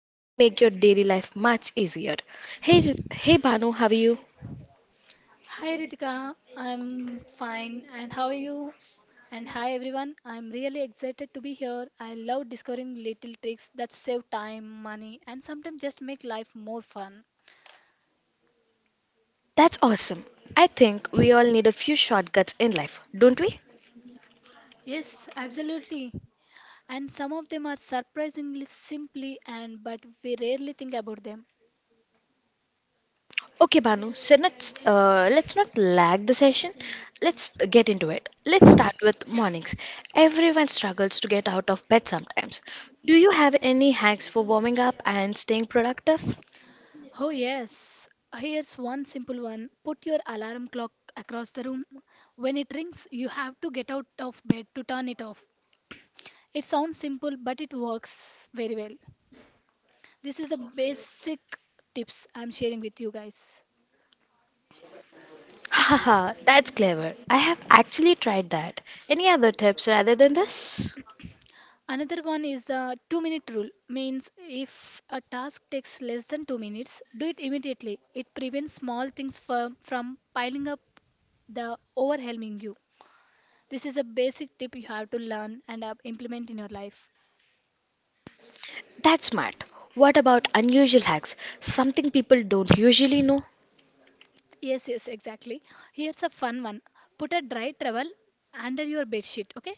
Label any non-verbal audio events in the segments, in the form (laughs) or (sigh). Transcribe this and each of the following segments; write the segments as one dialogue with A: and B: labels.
A: that can make your daily life much easier. Hey hey Banu, how are you?
B: Hi Ritika, I'm fine and how are you? And hi everyone, I'm really excited to be here. I love discovering little tricks that save time, money, and sometimes just make life more fun.
A: That's awesome. I think we all need a few shortcuts in life, don't we?
B: Yes, absolutely. And some of them are surprisingly simply and but we rarely think about them.
A: Okay, Banu. So let's not lag the session. Let's get into it. Let's start with mornings. Everyone struggles to get out of bed sometimes. Do you have any hacks for warming up and staying productive?
B: Oh yes, here's one simple one. Put your alarm clock across the room. When it rings, you have to get out of bed to turn it off. It sounds simple, but it works very well. This is a basic tips I'm sharing with you guys.
A: (laughs) Haha, that's clever. I have actually tried that. Any other tips rather than this?
B: Another one is the 2-minute rule means if a task takes less than 2 minutes, do it immediately. It prevents small things from piling up the overwhelming you. This is a basic tip you have to learn and implement in your life.
A: That's smart. What about unusual hacks? Something people don't usually know?
B: Yes, yes, exactly. Here's a fun one. Put a dry towel under your bed sheet, okay?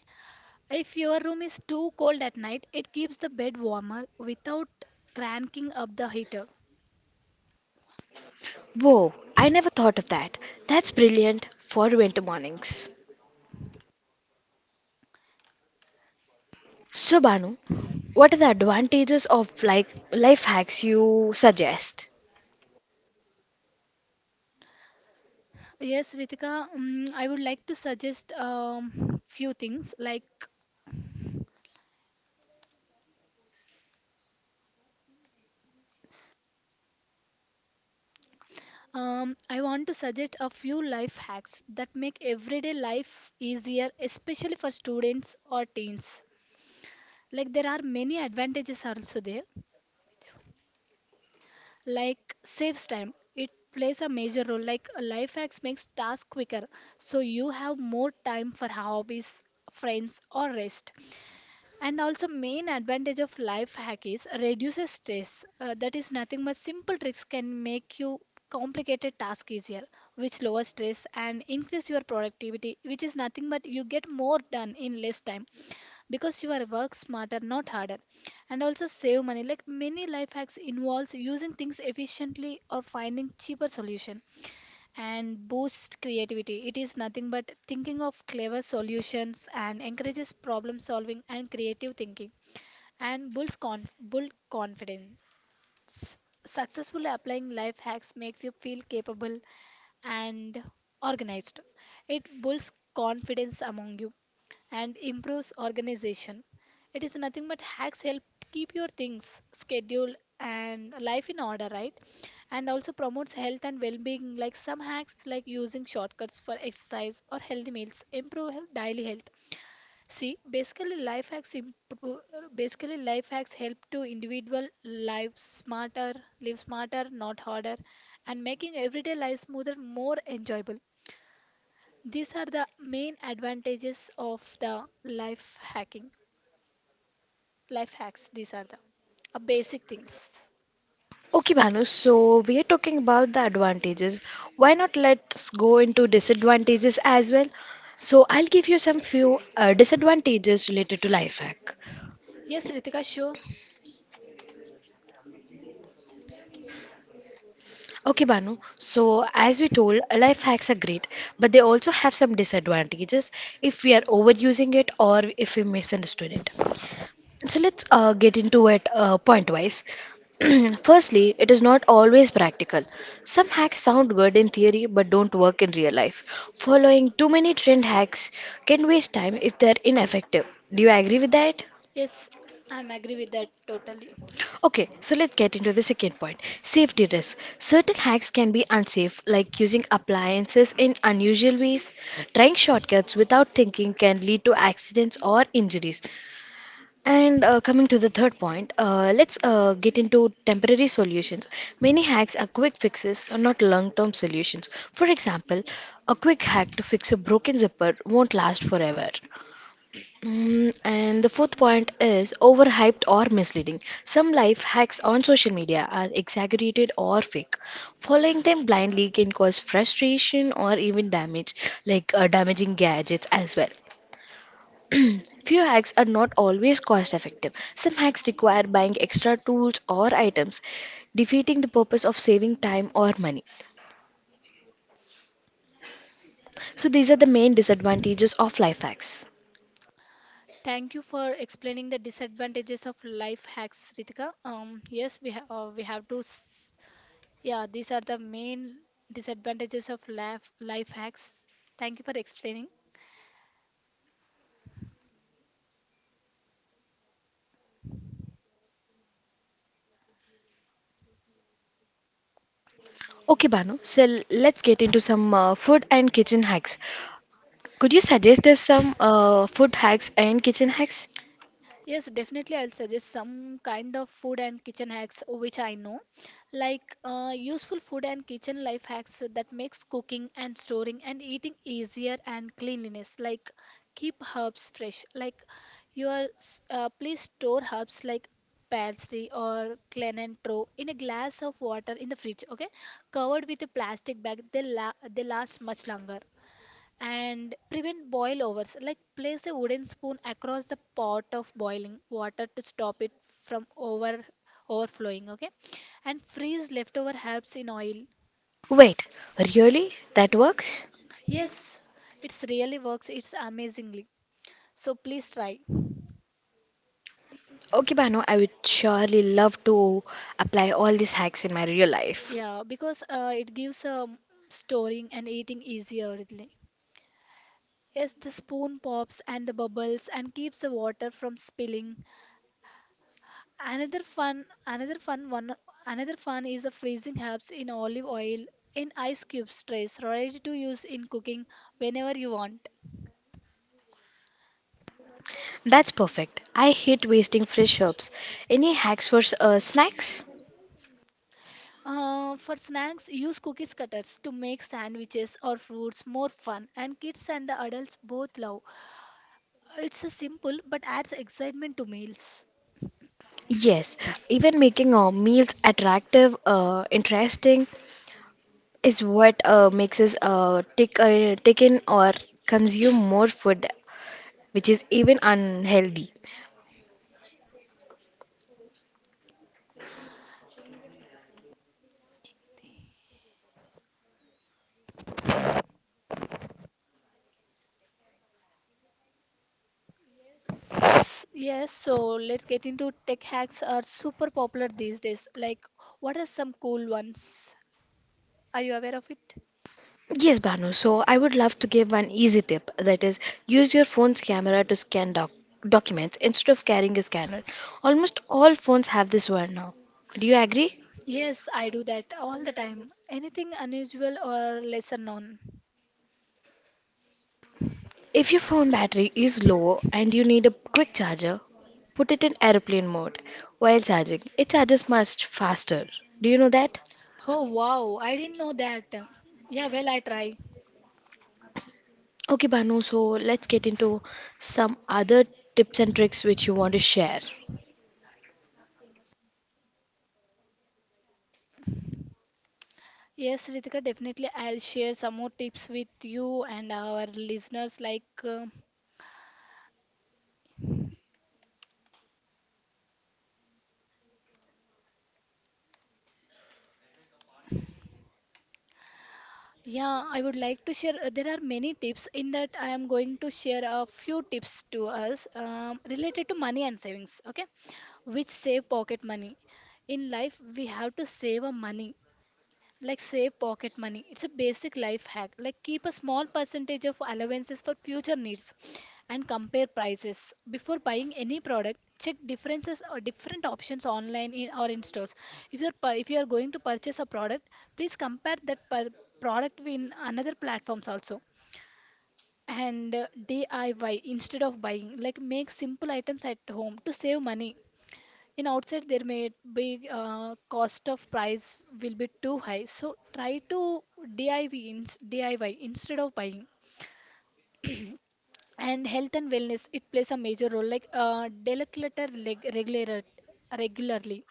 B: If your room is too cold at night, it keeps the bed warmer without cranking up the heater.
A: Whoa, I never thought of that. That's brilliant for winter mornings. So, Banu, what are the advantages of like life hacks you suggest?
B: Yes, Ritika, I would like to suggest few things like I want to suggest a few life hacks that make everyday life easier, especially for students or teens. Like there are many advantages also there, like saves time. It plays a major role like a life hacks makes tasks quicker, so you have more time for hobbies, friends, or rest. And also main advantage of life hack is reduces stress, that is nothing but simple tricks can make you complicated task easier, which lowers stress and increase your productivity, which is nothing but you get more done in less time because you are work smarter not harder. And also save money, like many life hacks involves using things efficiently or finding cheaper solution. And boosts creativity. It is nothing but thinking of clever solutions and encourages problem solving and creative thinking. And build confidence. Successfully applying life hacks makes you feel capable and organized. It builds confidence among you and improves organization. It is nothing but hacks help keep your things schedule, and life in order, right? And also promotes health and well-being. Like some hacks, like using shortcuts for exercise or healthy meals, improve daily health. See, basically life hacks improve. Basically, life hacks help to individual life smarter, live smarter, not harder, and making everyday life smoother, more enjoyable. These are the main advantages of the life hacking. Life hacks, these are the basic things.
A: Okay, Bhanu, so we are talking about the advantages. Why not let's go into disadvantages as well? So I'll give you some few disadvantages related to life hack.
B: Yes, Ritika, sure.
A: Okay, Banu. So, as we told, life hacks are great, but they also have some disadvantages if we are overusing it or if we misunderstood it. So let's get into it point wise. (clears throat) Firstly, it is not always practical. Some hacks sound good in theory but don't work in real life. Following too many trend hacks can waste time if they're ineffective. Do you agree with that?
B: Yes, I'm agree with that totally.
A: Okay, so let's get into the second point, safety risk. Certain hacks can be unsafe, like using appliances in unusual ways. Trying shortcuts without thinking can lead to accidents or injuries. And coming to the third point, let's get into temporary solutions. Many hacks are quick fixes, are not long term solutions. For example, a quick hack to fix a broken zipper won't last forever. Mm, and the fourth point is overhyped or misleading. Some life hacks on social media are exaggerated or fake. Following them blindly can cause frustration or even damage, like damaging gadgets as well. Few hacks are not always cost effective. Some hacks require buying extra tools or items, defeating the purpose of saving time or money. So these are the main disadvantages of life hacks.
B: Thank you for explaining the disadvantages of life hacks, Ritika. Yes, we have to. Yeah, these are the main disadvantages of life hacks. Thank you for explaining.
A: Okay, Banu, so let's get into some food and kitchen hacks. Could you suggest us some food hacks and kitchen hacks?
B: Yes, definitely. I'll suggest some kind of food and kitchen hacks which I know, like useful food and kitchen life hacks that makes cooking and storing and eating easier and cleanliness. Like keep herbs fresh. Like please store herbs like parsley or cilantro in a glass of water in the fridge. Okay, covered with a plastic bag. They la they last much longer and prevent boil overs, like place a wooden spoon across the pot of boiling water to stop it from overflowing, okay? And freeze leftover herbs in oil.
A: Wait, really? That works?
B: Yes, it's really works, it's amazingly, so please try.
A: Okay, Banu, I would surely love to apply all these hacks in my real life.
B: Yeah, because it gives storing and eating easier really. Yes, the spoon pops and the bubbles and keeps the water from spilling. Another fun, another fun one, Another fun is the freezing herbs in olive oil in ice cubes trays, ready to use in cooking whenever you want.
A: That's perfect. I hate wasting fresh herbs. Any hacks for snacks?
B: For snacks, use cookies cutters to make sandwiches or fruits more fun, and kids and the adults both love. It's a simple but adds excitement to meals.
A: Yes, even making our meals attractive, interesting is what makes us take in or consume more food, which is even unhealthy.
B: Yes, so let's get into tech hacks are super popular these days. Like, what are some cool ones? Are you aware of it?
A: Yes, Banu. So I would love to give one easy tip, that is, use your phone's camera to scan documents instead of carrying a scanner. Almost all phones have this one now. Do you agree?
B: Yes, I do that all the time. Anything unusual or lesser known.
A: If your phone battery is low and you need a quick charger, put it in airplane mode while charging. It charges much faster. Do you know that?
B: Oh wow, I didn't know that. Yeah, well, I try.
A: Okay, Banu, so let's get into some other tips and tricks which you want to share.
B: Yes, Ritika, definitely I'll share some more tips with you and our listeners. Like, yeah, I would like to share. Uh, there are many tips. In that, I am going to share a few tips to us related to money and savings. Okay, which save pocket money. In life, we have to save our money. Like save pocket money. It's a basic life hack. Like keep a small percentage of allowances for future needs. And compare prices. Before buying any product, check differences or different options online in, or in stores. If you are going to purchase a product, please compare that per product in another platforms also. And DIY instead of buying, like make simple items at home to save money. In outside there may be cost of price will be too high, so try to DIY instead of buying. And health and wellness, it plays a major role, like declutter regularly,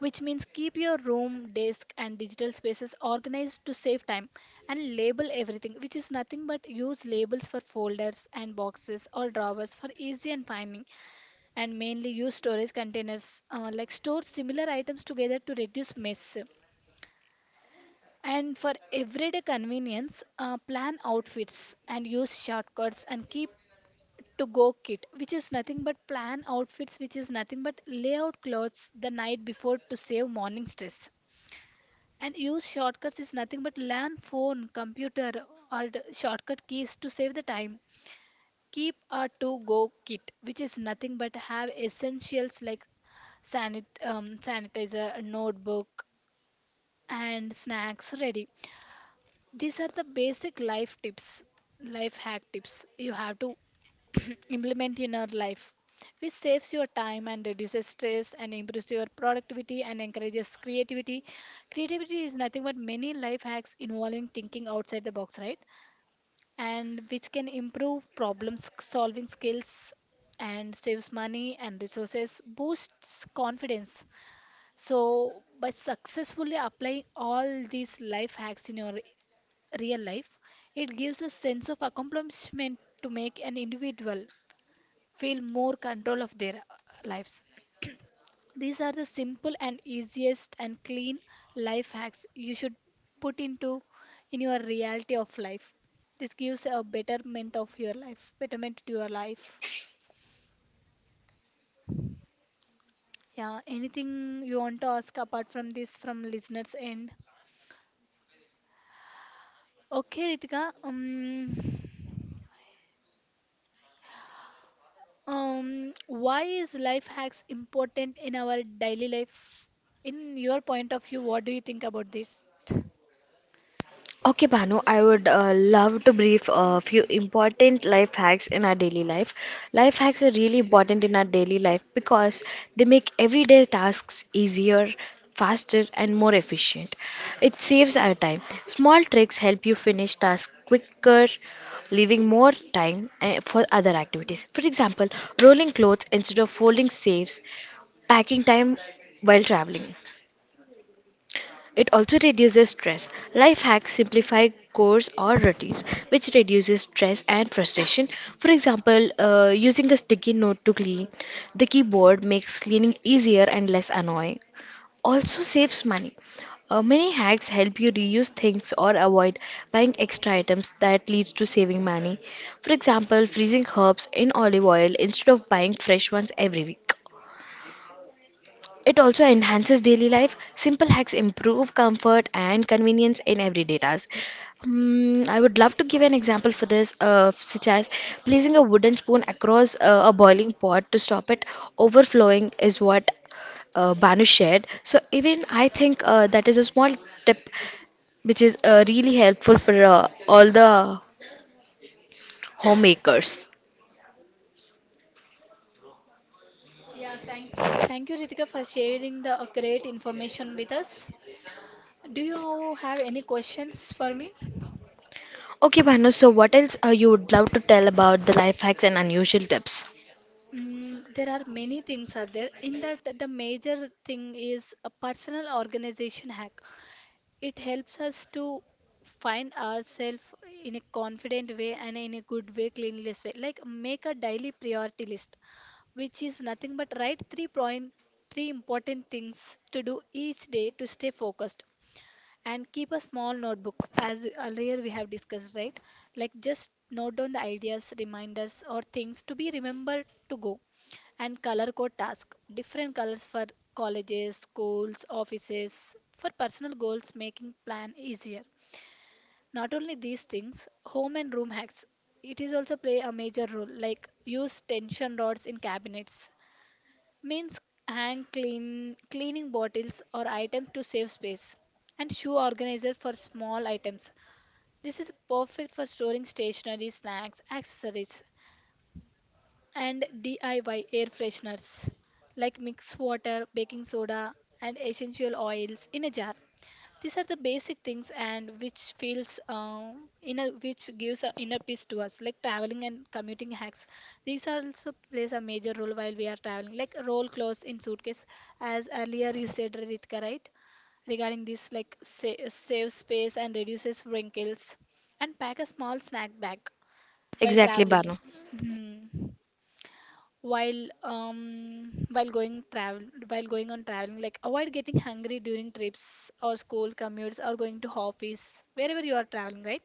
B: which means keep your room desk and digital spaces organized to save time. And label everything, which is nothing but use labels for folders and boxes or drawers for easy and finding. And mainly use storage containers, like store similar items together to reduce mess. And for everyday convenience, plan outfits and use shortcuts and keep to go kit, which is nothing but plan outfits, which is nothing but lay out clothes the night before to save morning stress. And use shortcuts is nothing but learn phone computer or the shortcut keys to save the time. Keep a to-go kit, which is nothing but have essentials like sanitizer, notebook, and snacks ready. These are the basic life tips, life hack tips you have to (clears throat) implement in your life, which saves your time and reduces stress and improves your productivity and encourages creativity. Creativity is nothing but many life hacks involving thinking outside the box, right? And which can improve solving skills and saves money and resources, boosts confidence. So, by successfully applying all these life hacks in your real life, it gives a sense of accomplishment to make an individual feel more control of their lives. These are the simple and easiest and clean life hacks you should put into in your reality of life. This gives a betterment of your life, betterment to your life. Yeah, anything you want to ask apart from this from listeners' end? Okay, Ritika. Why is life hacks important in our daily life? In your point of view, what do you think about this?
A: Okay, Banu, I would love to brief a few important life hacks in our daily life. Life hacks are really important in our daily life because they make everyday tasks easier, faster, and more efficient. It saves our time. Small tricks help you finish tasks quicker, leaving more time for other activities. For example, rolling clothes instead of folding saves packing time while traveling. It also reduces stress. Life hacks simplify chores or routines, which reduces stress and frustration. For example, using a sticky note to clean the keyboard makes cleaning easier and less annoying. Also saves money. Many hacks help you reuse things or avoid buying extra items that leads to saving money. For example, freezing herbs in olive oil instead of buying fresh ones every week. It also enhances daily life. Simple hacks improve comfort and convenience in everyday tasks. Mm, I would love to give an example for this, such as placing a wooden spoon across a boiling pot to stop it overflowing, is what Banu shared. So, even I think that is a small tip which is really helpful for all the homemakers.
B: Thank you, Ritika, for sharing the great information with us. Do you have any questions for me?
A: Okay, Banu, so what else you would love to tell about the life hacks and unusual tips?
B: Mm, there are many things are there. In that, the major thing is a personal organization hack. It helps us to find ourselves in a confident way and in a good way, cleanliness way. Like make a daily priority list, which is nothing but write three important things to do each day to stay focused. And keep a small notebook, as earlier we have discussed, right? Like just note down the ideas, reminders, or things to be remembered to go. And color code task, different colors for colleges, schools, offices, for personal goals, making plan easier. Not only these things, home and room hacks, it is also play a major role, like use tension rods in cabinets, means hang cleaning bottles or items to save space. And shoe organizer for small items, this is perfect for storing stationery, snacks, accessories. And DIY air fresheners, like mixed water, baking soda, and essential oils in a jar. These are the basic things and which feels inner, which gives a inner peace to us. Like traveling and commuting hacks, these are also plays a major role while we are traveling, like roll clothes in suitcase, as earlier you said Ritika, right? Regarding this, like save space and reduces wrinkles. And pack a small snack bag while
A: Exactly,
B: traveling.
A: Banu.
B: Mhm. while um while going travel while going on traveling, like avoid getting hungry during trips or school commutes or going to office, wherever you are traveling, right?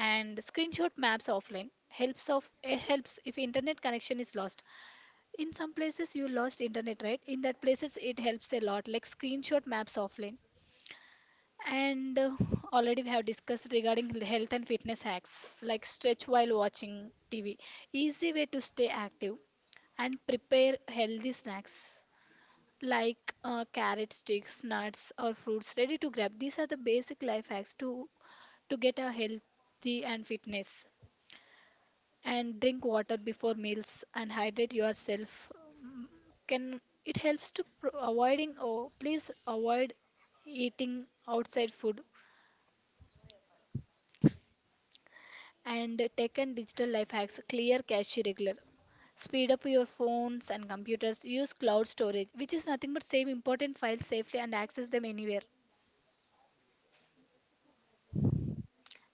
B: And screenshot maps offline helps, helps if internet connection is lost. In some places you lost internet, right? In that places it helps a lot, like screenshot maps offline. And already we have discussed regarding health and fitness hacks, like stretch while watching TV, easy way to stay active, and prepare healthy snacks like carrot sticks, nuts, or fruits ready to grab. These are the basic life hacks to get a healthy and fitness. And drink water before meals and hydrate yourself. Mm, can it helps to avoiding, or please avoid eating outside food. And tech and digital life hacks, clear cache regular. Speed up your phones and computers. Use cloud storage, which is nothing but save important files safely and access them anywhere.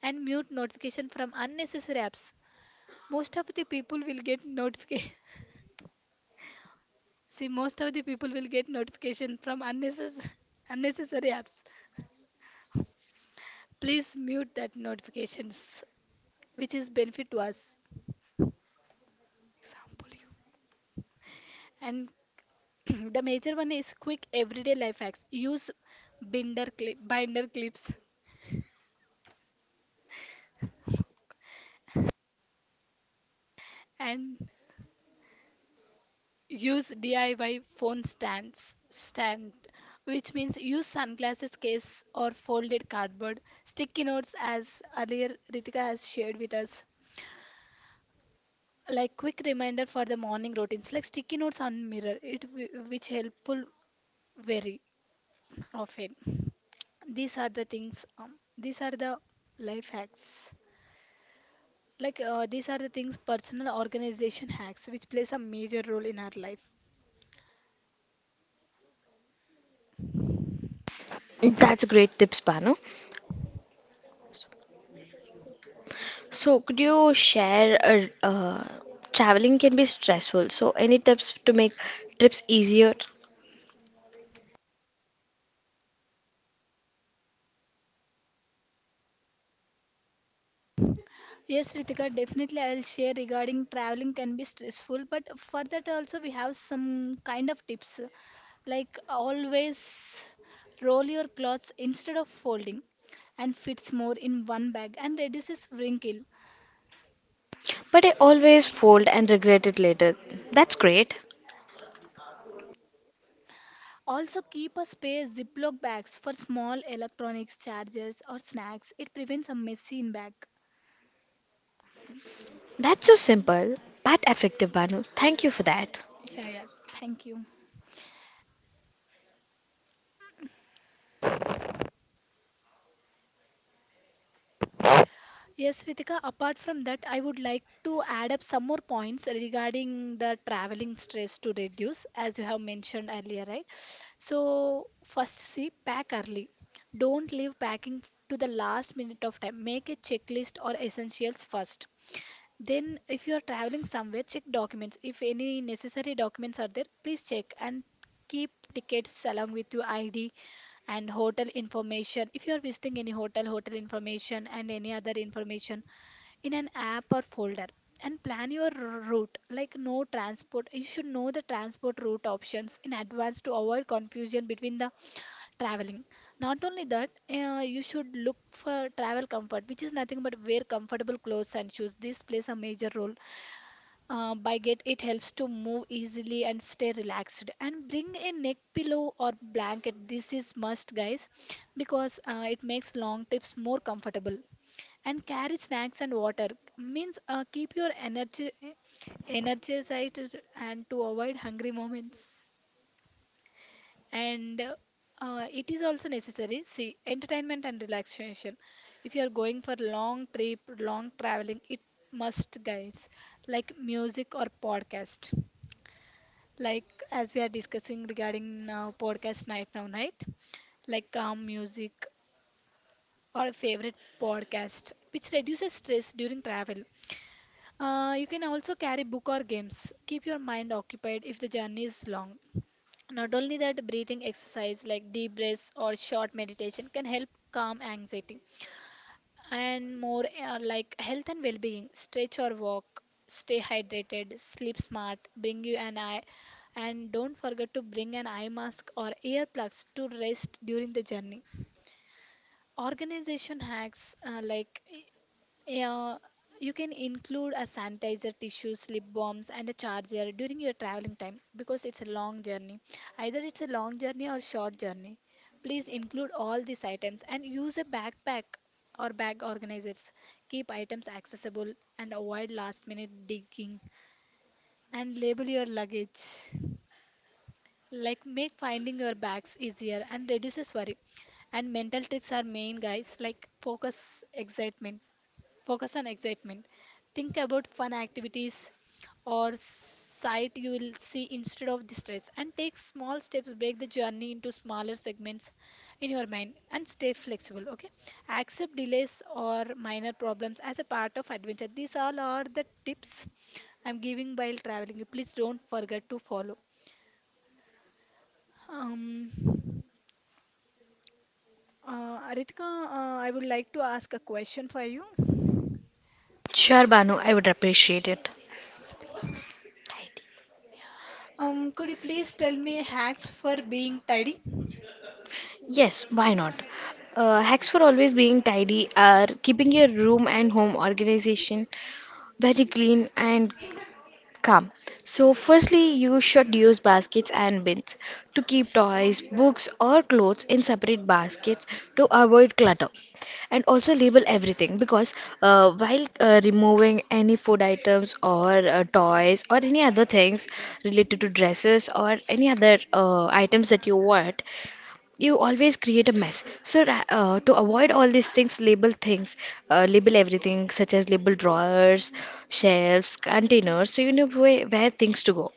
B: And mute notification from unnecessary apps. Most of the people will get notification. (laughs) See, most of the people will get notification from unnecessary (laughs) unnecessary apps. Please mute that notifications, which is benefit to us. Example you. And (clears throat) the major one is quick everyday life hacks. Use binder clips and use DIY phone stand which means use sunglasses case or folded cardboard sticky notes as earlier Ritika has shared with us, like quick reminder for the morning routines like sticky notes on mirror which helpful very often. These are the things, these are the life hacks. These are the things personal organization hacks which plays a major role in our life.
A: That's great tips, Banu. So, could you share traveling can be stressful. So, any tips to make trips easier?
B: Yes, Ritika, definitely I'll share regarding traveling can be stressful, but for that also we have some kind of tips. Like always roll your clothes instead of folding and fits more in one bag and reduces wrinkle.
A: But I always fold and regret it later. That's great.
B: Also keep a spare Ziploc bags for small electronics, chargers or snacks. It prevents a messy in bag.
A: That's so simple but effective, Banu. Thank you for that.
B: Yeah, yeah. Thank you. Yes, Ritika, apart from that, I would like to add up some more points regarding the traveling stress to reduce, as you have mentioned earlier, right? So, first, see, pack early. Don't leave packing to the last minute of time. Make a checklist or essentials first. Then, if you are traveling somewhere, check documents. If any necessary documents are there, please check and keep tickets along with your ID and hotel information. If you are visiting any hotel, hotel information and any other information in an app or folder. And plan your route, like no transport. You should know the transport route options in advance to avoid confusion between the traveling. Not only that, you should look for travel comfort, which is nothing but wear comfortable clothes and shoes. This plays a major role. By get It helps to move easily and stay relaxed, and bring a neck pillow or blanket. This is must, guys, because it makes long trips more comfortable. And carry snacks and water, means keep your energized and to avoid hungry moments. And it is also necessary, see, entertainment and relaxation. If you are going for long trip long traveling, it must, guys, like music or podcast, like as we are discussing regarding now podcast night now night, like calm music or a favorite podcast, which reduces stress during travel. You can also carry book or games, keep your mind occupied if the journey is long. Not only that, breathing exercise like deep breaths or short meditation can help calm anxiety. And more, like health and well-being. Stretch or walk, stay hydrated, sleep smart, bring you an eye, and don't forget to bring an eye mask or earplugs to rest during the journey. Organization hacks, like yeah, you can include a sanitizer, tissues, lip balms, and a charger during your traveling time because it's a long journey. Either it's a long journey or short journey. Please include all these items and use a backpack or bag organizers. Keep items accessible and avoid last minute digging, and label your luggage. Like make finding your bags easier and reduces worry. And mental tricks are main, guys, like focus on excitement. Think about fun activities or sight you will see instead of the stress, and take small steps, break the journey into smaller segments in your mind, and stay flexible, okay? Accept delays or minor problems as a part of adventure. These all are the tips I'm giving while traveling. Please don't forget to follow. um Ritika, I would like to ask a question for you. Thanks
A: Sure, Banu, I would appreciate it.
B: for being.
A: Tidy.
B: Could you please tell me hacks for being tidy?
A: Yes, why not? Hacks for always being tidy are keeping your room and home organization very clean and come. So, firstly, you should use baskets and bins to keep toys, books, or clothes in separate baskets to avoid clutter. And also label everything, because while removing any food items or toys or any other things related to dresses or any other items that you want, you always create a mess, so to avoid all these things, label everything, such as label drawers, shelves, containers, so you know where things to go.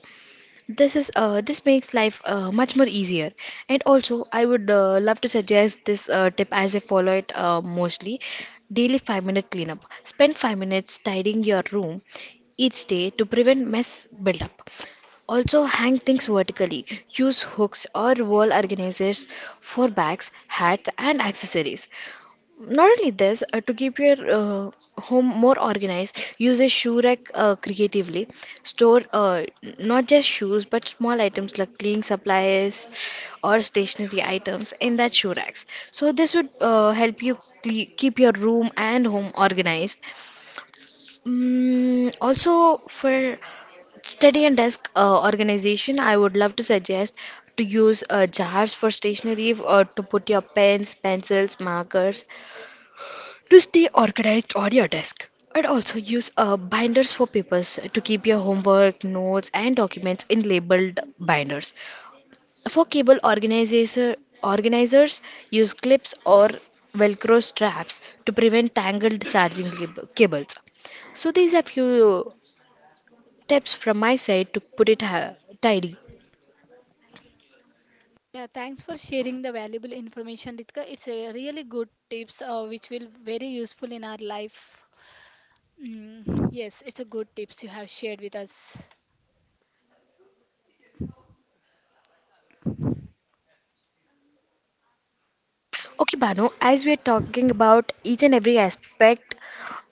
A: This makes life much more easier. And also, I would love to suggest this tip as I follow it mostly daily. 5-minute cleanup: spend 5 minutes tidying your room each day to prevent mess buildup. Also, hang things vertically. Use hooks or wall organizers for bags, hats, and accessories. Not only this, to keep your home more organized, use a shoe rack creatively. Store not just shoes but small items like cleaning supplies or stationery items in that shoe racks. So, this would help you keep your room and home organized. Mm, also, for study and desk organization, I would love to suggest to use jars for stationery, or to put your pens, pencils, markers to stay organized on your desk. And also use binders for papers, to keep your homework, notes, and documents in labeled binders. For cable organizers, use clips or velcro straps to prevent tangled charging cables. So these are few tips from my side to put it tidy.
B: Yeah, thanks for sharing the valuable information, Ritika. It's a really good tips, which will very useful in our life. Mm, yes, it's a good tips you have shared with us.
A: Okay, Banu, as we're talking about each and every aspect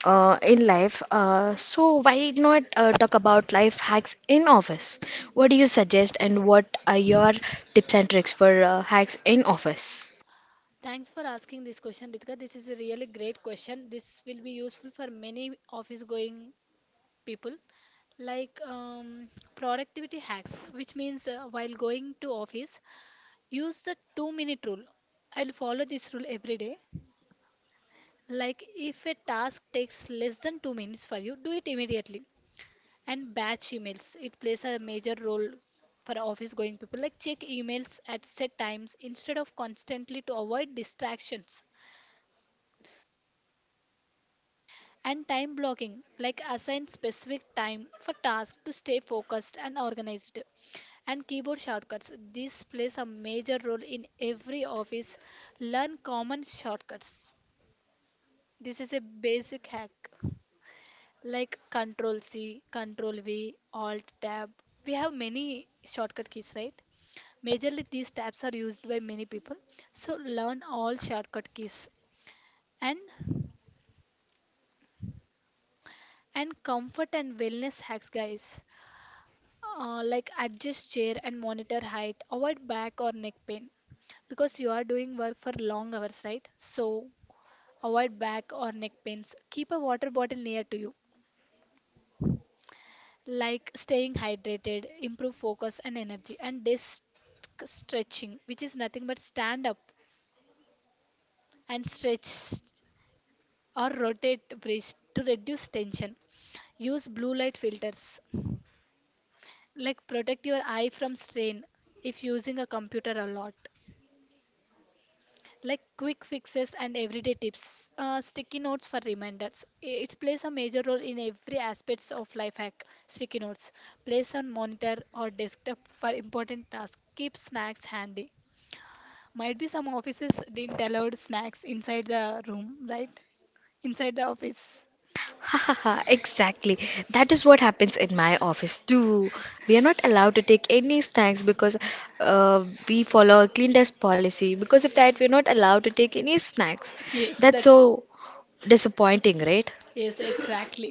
A: in life, so why not talk about life hacks in office? What do you suggest, and what are your tips and tricks for hacks in office?
B: Thanks for asking this question, Ritika. This is a really great question. This will be useful for many office going people. Like productivity hacks, which means while going to office, use the 2-minute rule. I'll follow this rule every day. Like if a task takes less than 2 minutes for you, do it immediately. And batch emails, it plays a major role for office going people. Like check emails at set times instead of constantly to avoid distractions. And time blocking, like assign specific time for tasks to stay focused and organized. And keyboard shortcuts, this plays a major role in every office. Learn common shortcuts. This is a basic hack, like Control C, Control V, Alt Tab. We have many shortcut keys, right? Majorly, these tabs are used by many people. So learn all shortcut keys. and and comfort and wellness hacks, guys. Like adjust chair and monitor height, avoid back or neck pain because you are doing work for long hours, right? So avoid back or neck pains. Keep a water bottle near to you, like staying hydrated, improve focus and energy, and desk stretching, which is nothing but stand up and stretch or rotate breast to reduce tension. Use blue light filters, like protect your eye from strain if using a computer a lot. Like quick fixes and everyday tips, sticky notes for reminders. It plays a major role in every aspects of life hack. Sticky notes place on monitor or desktop for important tasks. Keep snacks handy. Might be some offices didn't allow snacks inside the room, right? Inside the office.
A: Hahaha, exactly. That is what happens in my office too. We are not allowed to take any snacks because we follow a clean desk policy. Because of that, we're not allowed to take any snacks.
B: (laughs) Yes,
A: That's
B: that's,
A: so disappointing, right?
B: yes, exactly.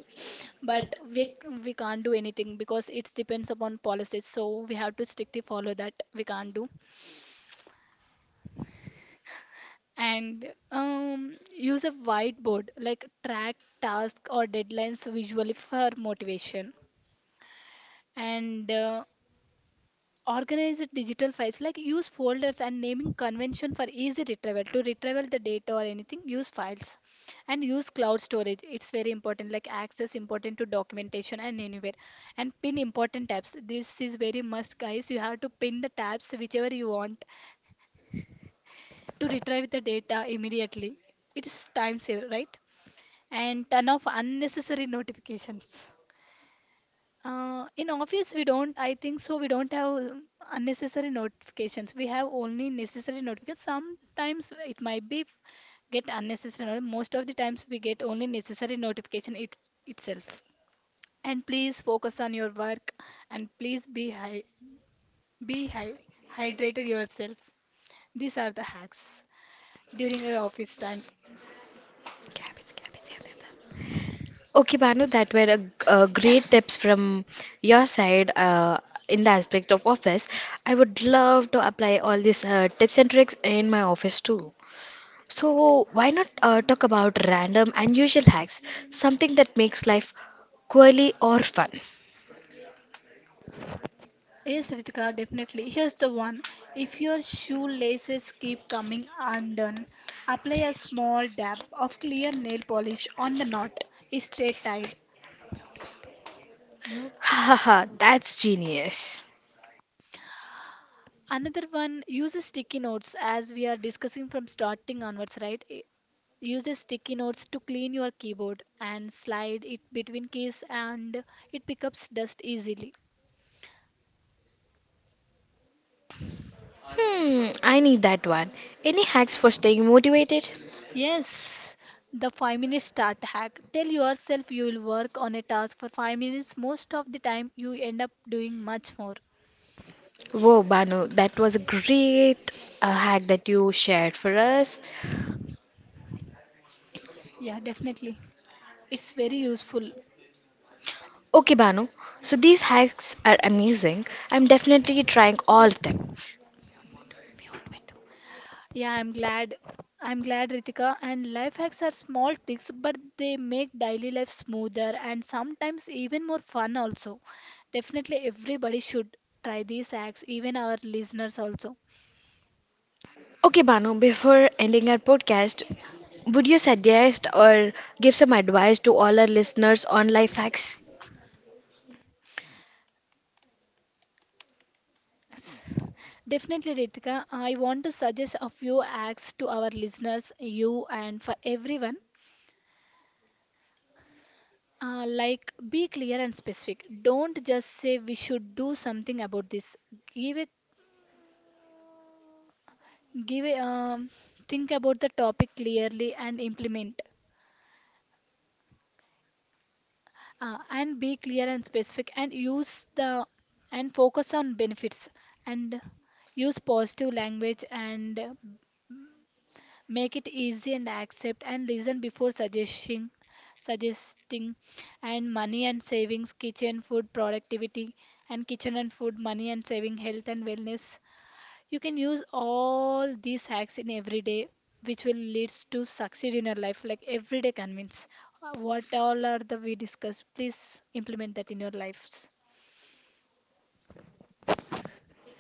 B: But we we can't do anything because it depends upon policies, so we have to strictly follow that. We can't do. And use a whiteboard, like track tasks or deadlines visually for motivation. And organize the digital files, like use folders and naming convention for easy retrieval, to retrieval the data or anything use files. And use cloud storage, it's very important, like access important to documentation and anywhere. And pin important tabs, this is very must, guys. You have to pin the tabs whichever you want to retrieve the data immediately. It is time saver, right? And turn off unnecessary notifications. In office, we don't, I think so, we don't have unnecessary notifications. We have only necessary notifications. Sometimes it might be get unnecessary. Most of the times we get only necessary notification it, itself. And please focus on your work and please be hy hydrated yourself. These are the hacks during your office time.
A: Okay, Banu, that were a great tips from your side in the aspect of office. I would love to apply all these tips and tricks in my office too. So, why not talk about random unusual hacks, something that makes life quirky or fun?
B: Yes, Ritika, definitely. Here's the one. If your shoelaces keep coming undone, apply a small dab of clear nail polish on the knot. Stay tied. Mute, Bindu. Mute.
A: Ha ha ha, that's genius.
B: Another one, use a sticky notes as we are discussing from starting onwards, right? Use a sticky notes to clean your keyboard and slide it between keys, and it picks up dust easily.
A: Hmm, I need that one. Any hacks for staying motivated?
B: Yes, the 5-minute start hack. Tell yourself you will work on a task for 5 minutes. Most of the time, you end up doing much more.
A: Whoa, Banu, that was a great hack that you shared for us.
B: Yeah, definitely. It's very useful.
A: Okay, Banu. So these hacks are amazing. I'm definitely trying all of them.
B: Yeah, I'm glad. I'm glad, Ritika. And life hacks are small tricks, but they make daily life smoother and sometimes even more fun, also. Definitely, everybody should try these hacks, even our listeners, also.
A: Okay, Banu, before ending our podcast, would you suggest or give some advice to all our listeners on life hacks?
B: S- Definitely, Ritika. I want to suggest a few acts to our listeners, you, and for everyone. Like, be clear and specific. Don't just say we should do something about this. Give it, give it, think about the topic clearly and implement. And be clear and specific, and use the, and focus on benefits, and use positive language, and make it easy, and accept and listen before suggesting. And money and savings, kitchen food productivity, and kitchen and food, money and saving, health and wellness, you can use all these hacks in everyday, which will leads to succeed in your life, like everyday convince. What all are the we discussed, please implement that in your lives.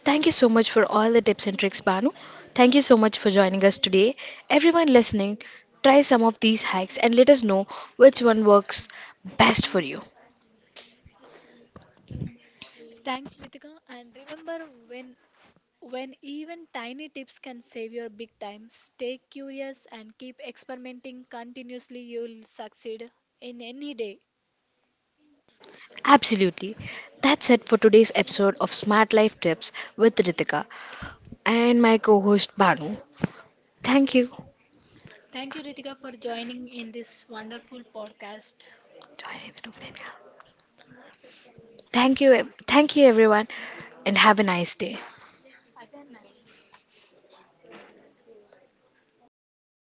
A: Thank you so much for all the tips and tricks, Banu. Thank you so much for joining us today. Everyone listening, try some of these hacks and let us know which one works best for you.
B: Thanks, Ritika, and remember, when when even tiny tips can save your big time, stay curious and keep experimenting continuously, you'll succeed in any day.
A: Absolutely. That's it for today's episode of Smart Life Tips with Ritika and my co host Banu. Thank you.
B: Thank you, Ritika, for joining in this wonderful podcast.
A: Thank Thank you, everyone, and have a nice day.